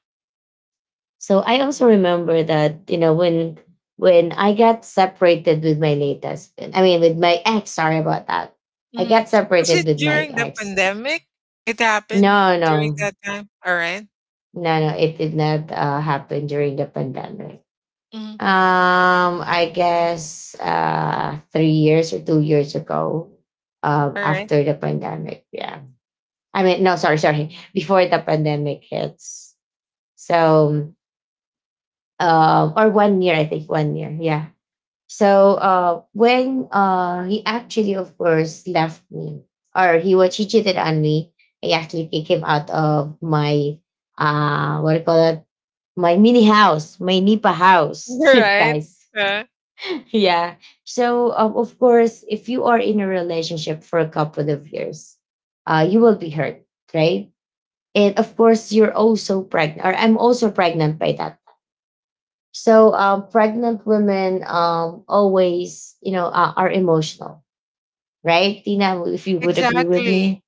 So I also remember that you know when I got separated with my late husband, I mean with my ex. Sorry about that. I Mhm. got Was separated it with my during the ex. pandemic? It happened No, during no, that time? Alright. no, no. It did not happen during the pandemic. Mhm. I guess 3 years or 2 years ago, Alright. Right. after the pandemic. Yeah, I mean no, sorry, sorry, [LAUGHS] before the pandemic hits. So or 1 year, I think 1 year. Yeah. So when he actually, of course, left me, or he cheated on me, I actually kicked him out of my what do you call it, my mini house, my Nipa [LAUGHS] house, [LAUGHS] Right. guys. Yeah. Yeah. So of course, if you are in a relationship for a couple of years, you will be hurt, right? And of course, you're also pregnant, or I'm also pregnant by that, so pregnant women are emotional, right, Tina? If you would agree with me, Exactly.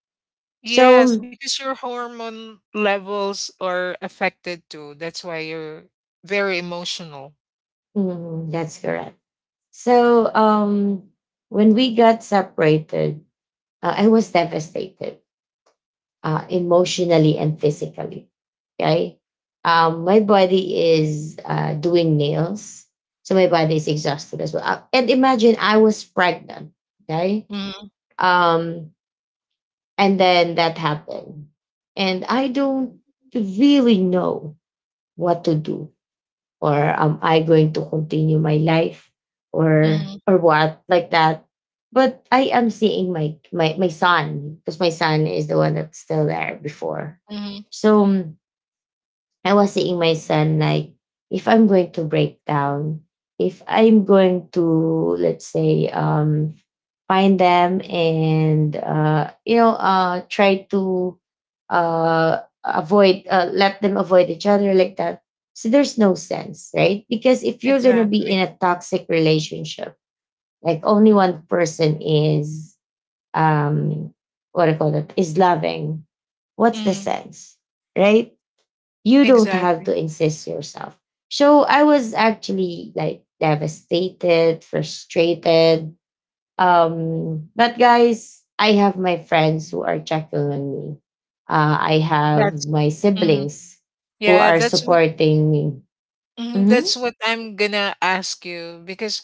Yes, so because your hormone levels are affected too. That's why you're very emotional. mm, that's correct. So when we got separated, I was devastated emotionally and physically. Okay, my body is doing nails, so my body is exhausted as well. And imagine I was pregnant. Okay, Mhm. um, and then that happened, and I don't really know what to do, or am I going to continue my life or Mhm. or what like that. But I am seeing my son because my son is the one that's still there before. Mhm. So mm, I was seeing my son like, if I'm going to break down, if I'm going to, let's say, find them and try to uh avoid, let them avoid each other like that. So there's no sense, right? Because if you're going to be in Exactly. a toxic relationship, like only one person is, um what do you call it, is loving, what's the Mm. sense? Right? You don't have Exactly. to insist yourself. So I was actually like devastated, frustrated. But guys, I have my friends who are checking on me. I That's have my mm. siblings who Yeah, are that's what supporting me. mhm, that's Mhm. what I'm gonna ask you, because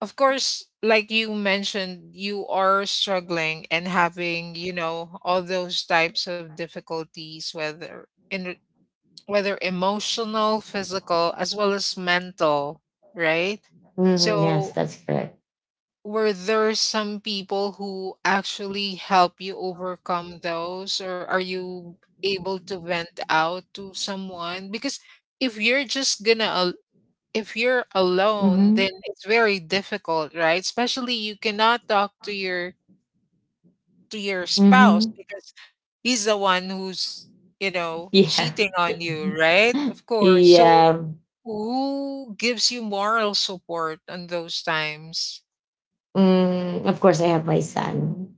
of course, like you mentioned, you are struggling and having, you know, all those types of difficulties, whether in whether emotional, physical, as well as mental, right? Mhm, yes, So that's correct. were there some people who actually help you overcome those, or are you able to vent out to someone? Because if you're just gonna if you're alone, Hmm. then it's very difficult, right? Especially you cannot talk to your spouse Hmm. because he's the one who's, you know, Yeah. cheating on you, right? Of [LAUGHS] course. So Yeah. who gives you moral support on those times? Mm, of course, I have my son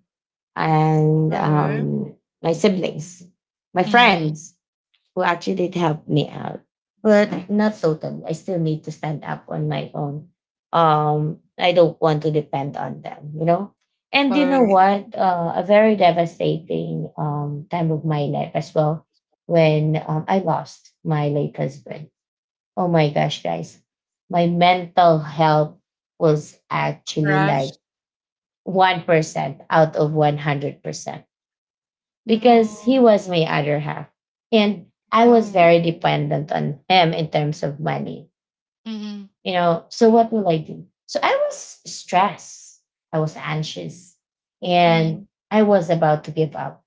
and Uh-huh. My siblings, my Mm-hmm. friends, who actually did help me out, but not totally. I still need to stand up on my own. I don't want to depend on them, you know. And All you know right. what? A very devastating time of my life as well when I lost my late husband. Oh my gosh, guys. My mental health was actually Crash. like 1% out of 100% because he Mm, was my other half. And I was um, very dependent on him in terms of money. mhm, You know, so what will I do? So I was stressed. I was anxious. And mm, I was about to give up.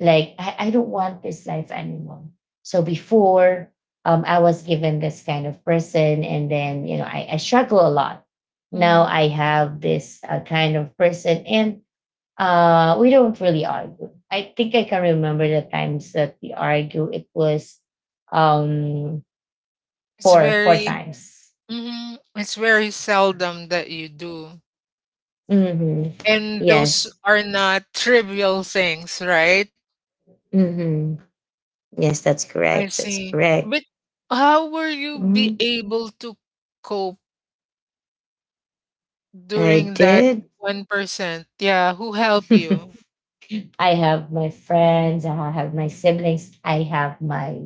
Like, I don't want this life anymore. So before, I was given this kind of person. And then, you know, I struggle a lot. Now mhm. I have this kind of person. And we don't really argue. I think I can remember the times that we argue. It was um It's four very, times. mhm. It's very seldom that you do. Mm-hmm. And those Yes. are not trivial things, right? Mm-hmm. Yes, that's I correct. That's see. correct. But how were you be Hmm. able to cope I during that did. 1%? Yeah, who help you? [LAUGHS] I have my friends, I have my siblings, I have my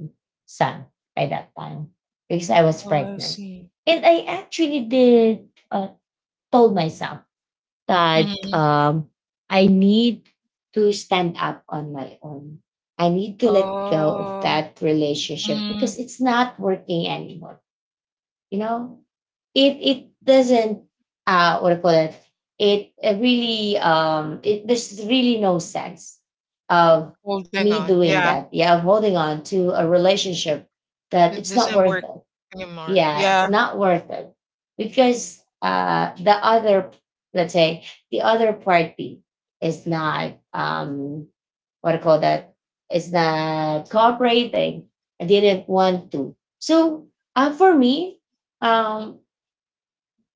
son by that time because I was Oh, I pregnant. see. And I actually did told myself that, Mm-hmm. I need to stand up on my own. I need to let go of Oh, that relationship mm, because it's not working anymore. You know, it doesn't, what do you call it? It really, it, there's really no sense of holding me on. doing Yeah, that. Yeah, of holding on to a relationship that it it's not doesn't worth work it. anymore. Yeah, it's Yeah, not worth it because, the other, let's say, the other party is not, what do call that, is not cooperating. I didn't want to. So, for me, um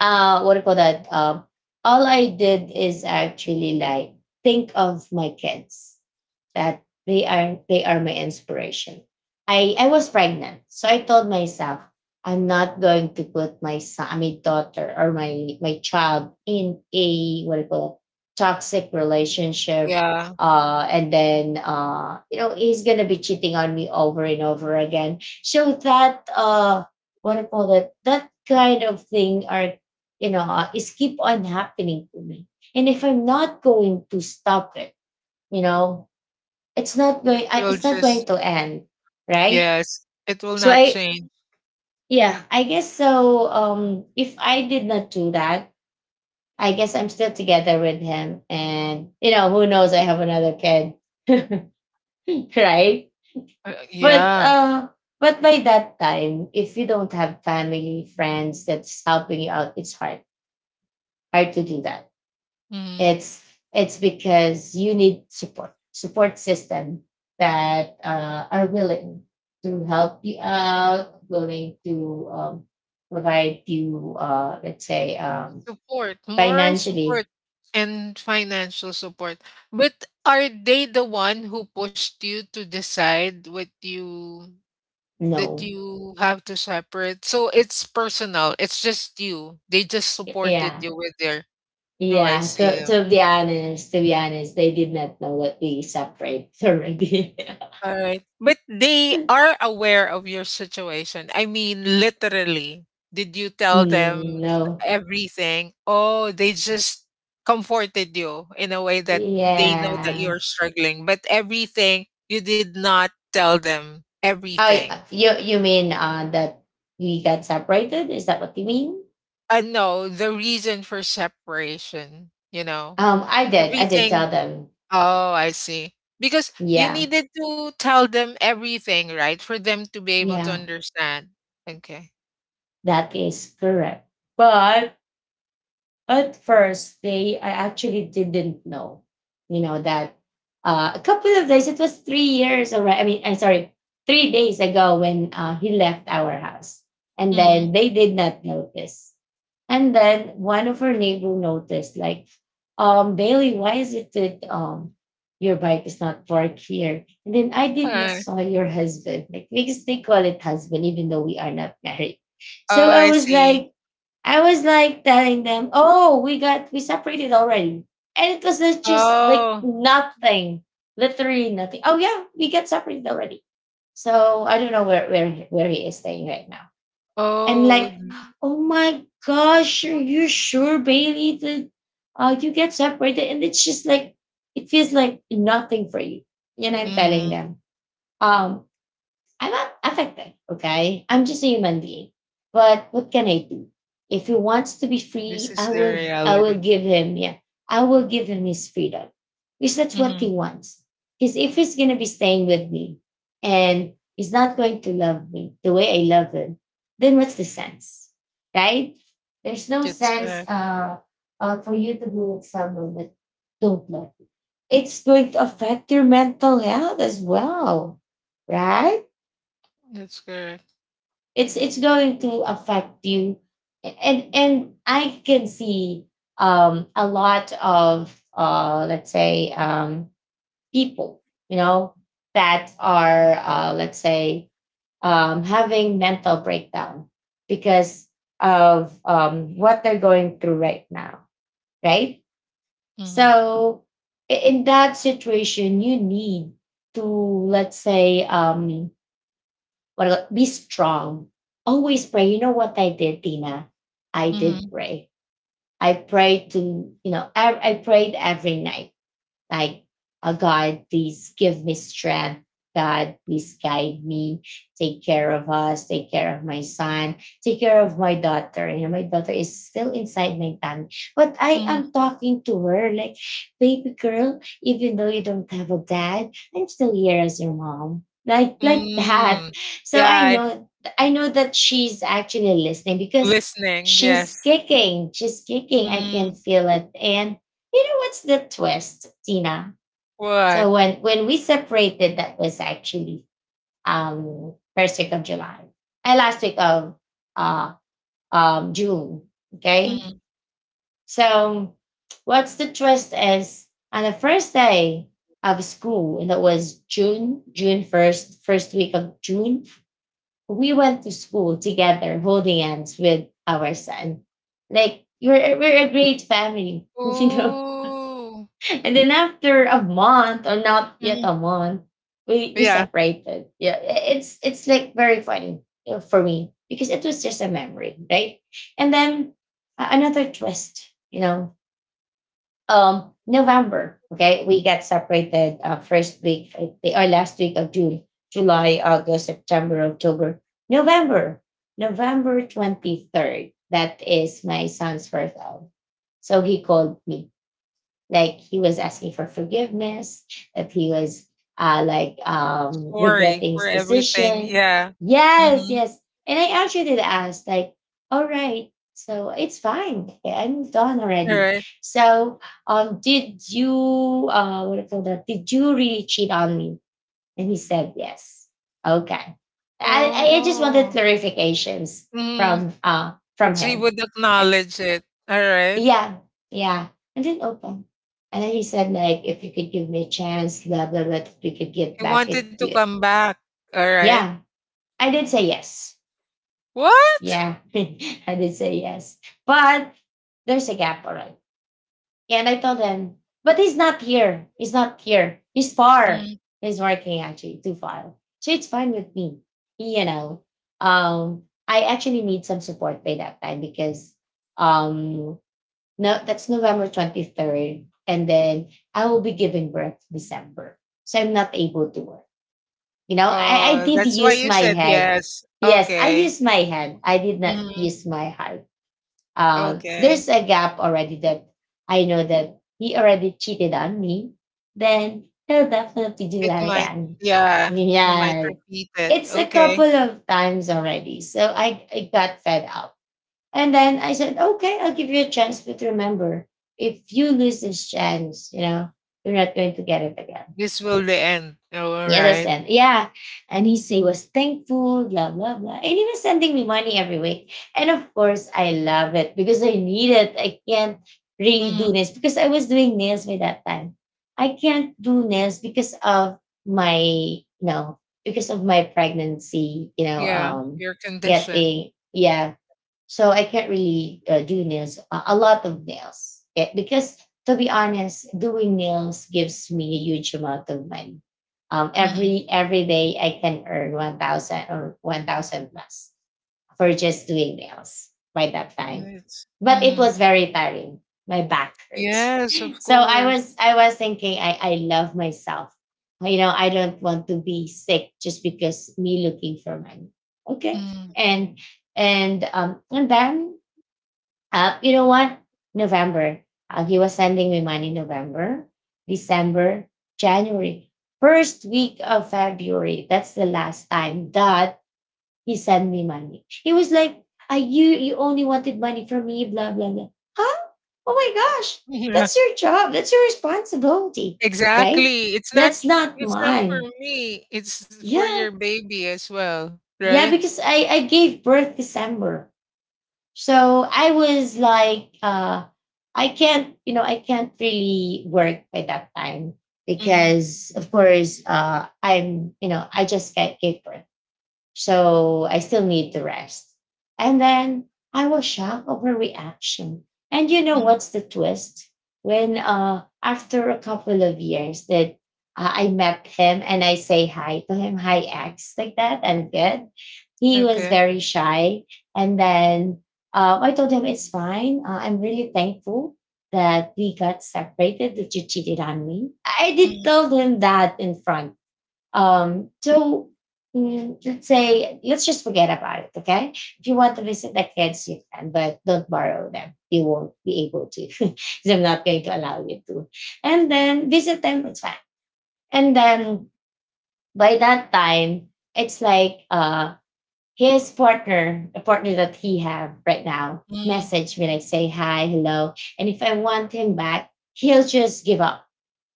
what do call that, all I did is actually like think of my kids, that they are my inspiration. I was pregnant, so I told myself I'm not going to put my son, my daughter, or my child in a, what do you call it, toxic relationship. yeah. And then you know, he's gonna be cheating on me over and over again. So that, what do you call it, that kind of thing are, you know, is keep on happening to me. And if I'm not going to stop it, you know, it's not It going will it's not just, going to end, right? yes, it will So not I, change. yeah, I guess so. If I did not do that, I guess I'm still together with him, and you know, who knows, I have another kid. [LAUGHS] Right? But Yeah. But by that time, if you don't have family, friends that's helping you out, it's hard, hard to do that. Mm-hmm. It's it's because you need support system that are willing to help you out, willing to, provide you, let's say, Support, moral financially. support, and financial support. But are they the one who pushed you to decide what you that No, you have to separate? So it's personal. It's just you. They just supported yeah, you with their. Oh, I yeah. To see. to be honest, to be honest, they did not know that we separate already. All right. But they [LAUGHS] are aware of your situation. I mean, literally, did you tell them Mm, no, everything? Oh, they just comforted you in a way that they know that yeah. you're struggling, but everything, you did not tell them Oh, everything. you mean that we got separated? Is that what you mean? And no, the reason for separation, you know, I did. I did everything. tell them. Oh, I see. Because you Yeah, needed to tell them everything, right? For them to be able to yeah, understand. Okay. that is correct. But at first they, I actually didn't know, you know, that, a couple of days, it was 3 years already. I mean, I'm sorry, 3 days ago when he left our house. And then Mhm. they did not notice. And then one of her neighbor noticed, like, Bailey, why is it that your bike is not parked here? And then I did not Oh. saw your husband, like, because they call it husband, even though we are not married. Oh, So I see. I was like telling them, "Oh, we got, we separated already," and it was like just like Oh. nothing, literally nothing. Oh yeah, we got separated already. So I don't know where he is staying right now. And Oh. like, Mm. oh my gosh, are you sure, Bailey? That you get separated, and it's just like it feels like nothing for you. And I'm telling Mm. them, um, I'm affected, okay? I'm just a human being. But what can I do? If he wants to be This free, is I the will I will reality. give him, yeah, I will give him his freedom. Because that's what he Mhm. wants. Because if he's gonna be staying with me and he's not going to love me the way I love him, then what's the sense? Right? There's no That's sense correct. For you to be with someone that don't love you. It's going to affect your mental health as well. Right? That's correct. It's going to affect you. And I can see a lot of, let's say, people, you know, that are, let's say, having mental breakdown because of, what they're going through right now, right? Mhm. So in that situation, you need to, let's say, what do you be strong. Always pray. You know what I did, Tina? I did Mhm. pray. I prayed to, you know, I prayed every night, like, oh God, please give me strength. God, please guide me. Take care of us. Take care of my son. Take care of my daughter. You know, my daughter is still inside my tummy. But I Mhm. am talking to her like, baby girl, even though you don't have a dad, I'm still here as your mom. Like that. Mm. So Yeah, I I know, I know that she's actually listening because listening, she's yes. kicking. She's kicking. I can Mm. feel it. And you know what's the twist, Tina? What? So when we separated, that was actually, first week of July, and last week of, uh June. Okay, Mhm. so what's the twist is on the first day of school, and that was June, first week of June. We went to school together, holding hands with our son. Like we're a great family, [LAUGHS] you know. Ooh. And then after a month, or not yet a Mhm. month, we Yeah, separated. Yeah, it's like very funny, you know, for me because it was just a memory, right? And then another twist, you know, November. Okay, we got separated, first week, or last week of June, July, August, September, October, November, November 23rd. That is my son's first out. So he called me, like he was asking for forgiveness, that he was like, sorry regretting for his everything. decision. Yeah. Yes, Mhm. yes. And I actually did ask, like, all right, so it's fine. Okay, I moved on already. Alright. So, did you, what do you call that? Did you really cheat on me? And he said yes. Okay. I just wanted Oh. clarifications Mhm. From That she him. would acknowledge it. Alright. Yeah, yeah. I didn't open. And then he said, like, if you could give me a chance, blah blah blah, that we could get He back wanted to into it. come back, alright. Yeah, I did say yes. What? Yeah, [LAUGHS] I did say yes. But there's a gap, all right. And I told him, but he's not here. He's not here. He's far. Mm. He's working actually too far. So it's fine with me. You know, um, I actually need some support by that time because um no, that's November 23rd. And then I will be giving birth December. So I'm not able to work. You know, I Oh, did that's why use you my said head. yes. Yes, I Okay. used my head. I did not Mhm. use my heart. There's Okay. a gap already that I know that he already cheated on me. Then he'll definitely do It that might again. yeah, he might Yeah, repeat it. it's a couple Okay. of times already. So I got fed up and then I said, okay, I'll give you a chance, but remember, if you lose this chance, you're not going to get it again. This will the end. Oh, You alright. understand? Yeah. And he say was thankful, blah, blah, blah. And he was sending me money every week. And of course, I love it because I need it. I can't really do Mhm. nails because I was doing nails by that time. I can't do nails because of my, you know, because of my pregnancy, Yeah, your condition. getting, yeah, so I can't really do nails, a lot of nails. Eh, because to be honest, doing nails gives me a huge amount of money. Mhm. Every day I can earn 1,000 or 1,000 plus for just doing nails by that time. It's But it mhm. was very tiring. My back hurts. Yes, [LAUGHS] of So I course. was I was thinking I love myself. You know, I don't want to be sick just because me looking for money. Okay. Mhm. [LAUGHS] And and then you know what? November. He was sending me money November, December, January. First week of February. That's the last time that he sent me money. He was like, I you you only wanted money from me, blah blah blah. Huh? Oh my gosh, Yeah, that's your job. That's your responsibility, right? exactly. That's not It's not for mine. me. It's for Yeah, your baby as well, yeah, right? because I gave birth December, so I was like, I can't, you know, I can't really work by that time Mhm. because, of course, I'm, you know, I just get gave birth. So I still need the rest. And then I was shocked of her reaction. And you know Mhm. what's the twist? When after a couple of years that I met him and I say hi to him, hi X, like that, I'm good. He was Okay. very shy. And then I told him it's fine. I'm really thankful that we got separated, that you cheated on me. I did Mm, tell him that in front so let's say let's just forget about it. Okay, if you want to visit the kids, you can, but don't borrow them. You won't be able to, [LAUGHS] because I'm not going to allow you to. And then visit them. It's fine. And then by that time, it's like his partner, the partner that he have right now, mm, message me like say hi, hello, and if I want him back, he'll just give up.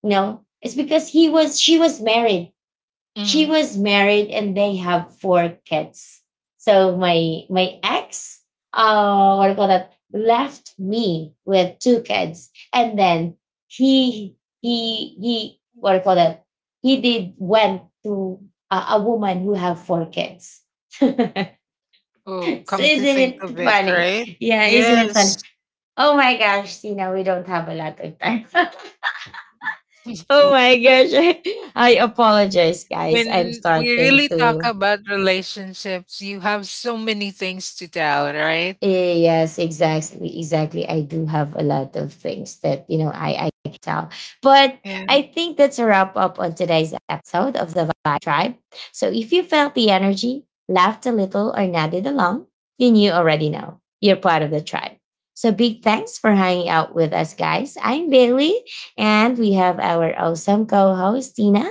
No, it's because he was she mm. was married and they have four kids. So my ex, what do you call that, left me with two kids, and then he what do you call that, he did went to a woman who have four kids. [LAUGHS] So isn't Oh, come to think of it it, funny? right? Yeah, isn't it Yes. funny? Oh my gosh, Tina, we don't have a lot of time. [LAUGHS] [LAUGHS] Oh my gosh, [LAUGHS] I apologize, guys. I'm When we really starting talk to, about relationships, you have so many things to tell, right? eh, yes, exactly, exactly. I do have a lot of things that you know I can tell, but Yeah. I think that's a wrap up on today's episode of the Vibe Tribe. So if you felt the energy, laughed a little, or nodded along, then you already know you're part of the tribe. So big thanks for hanging out with us, guys. I'm Bailey, and we have our awesome co-host Tina.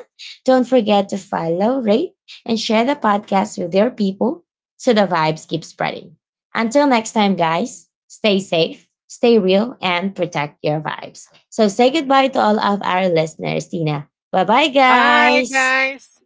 Don't forget to follow, rate, and share the podcast with your people so the vibes keep spreading. Until next time, guys, stay safe, stay real, and protect your vibes. So say goodbye to all of our listeners, Tina. Bye bye, Bye, guys. guys.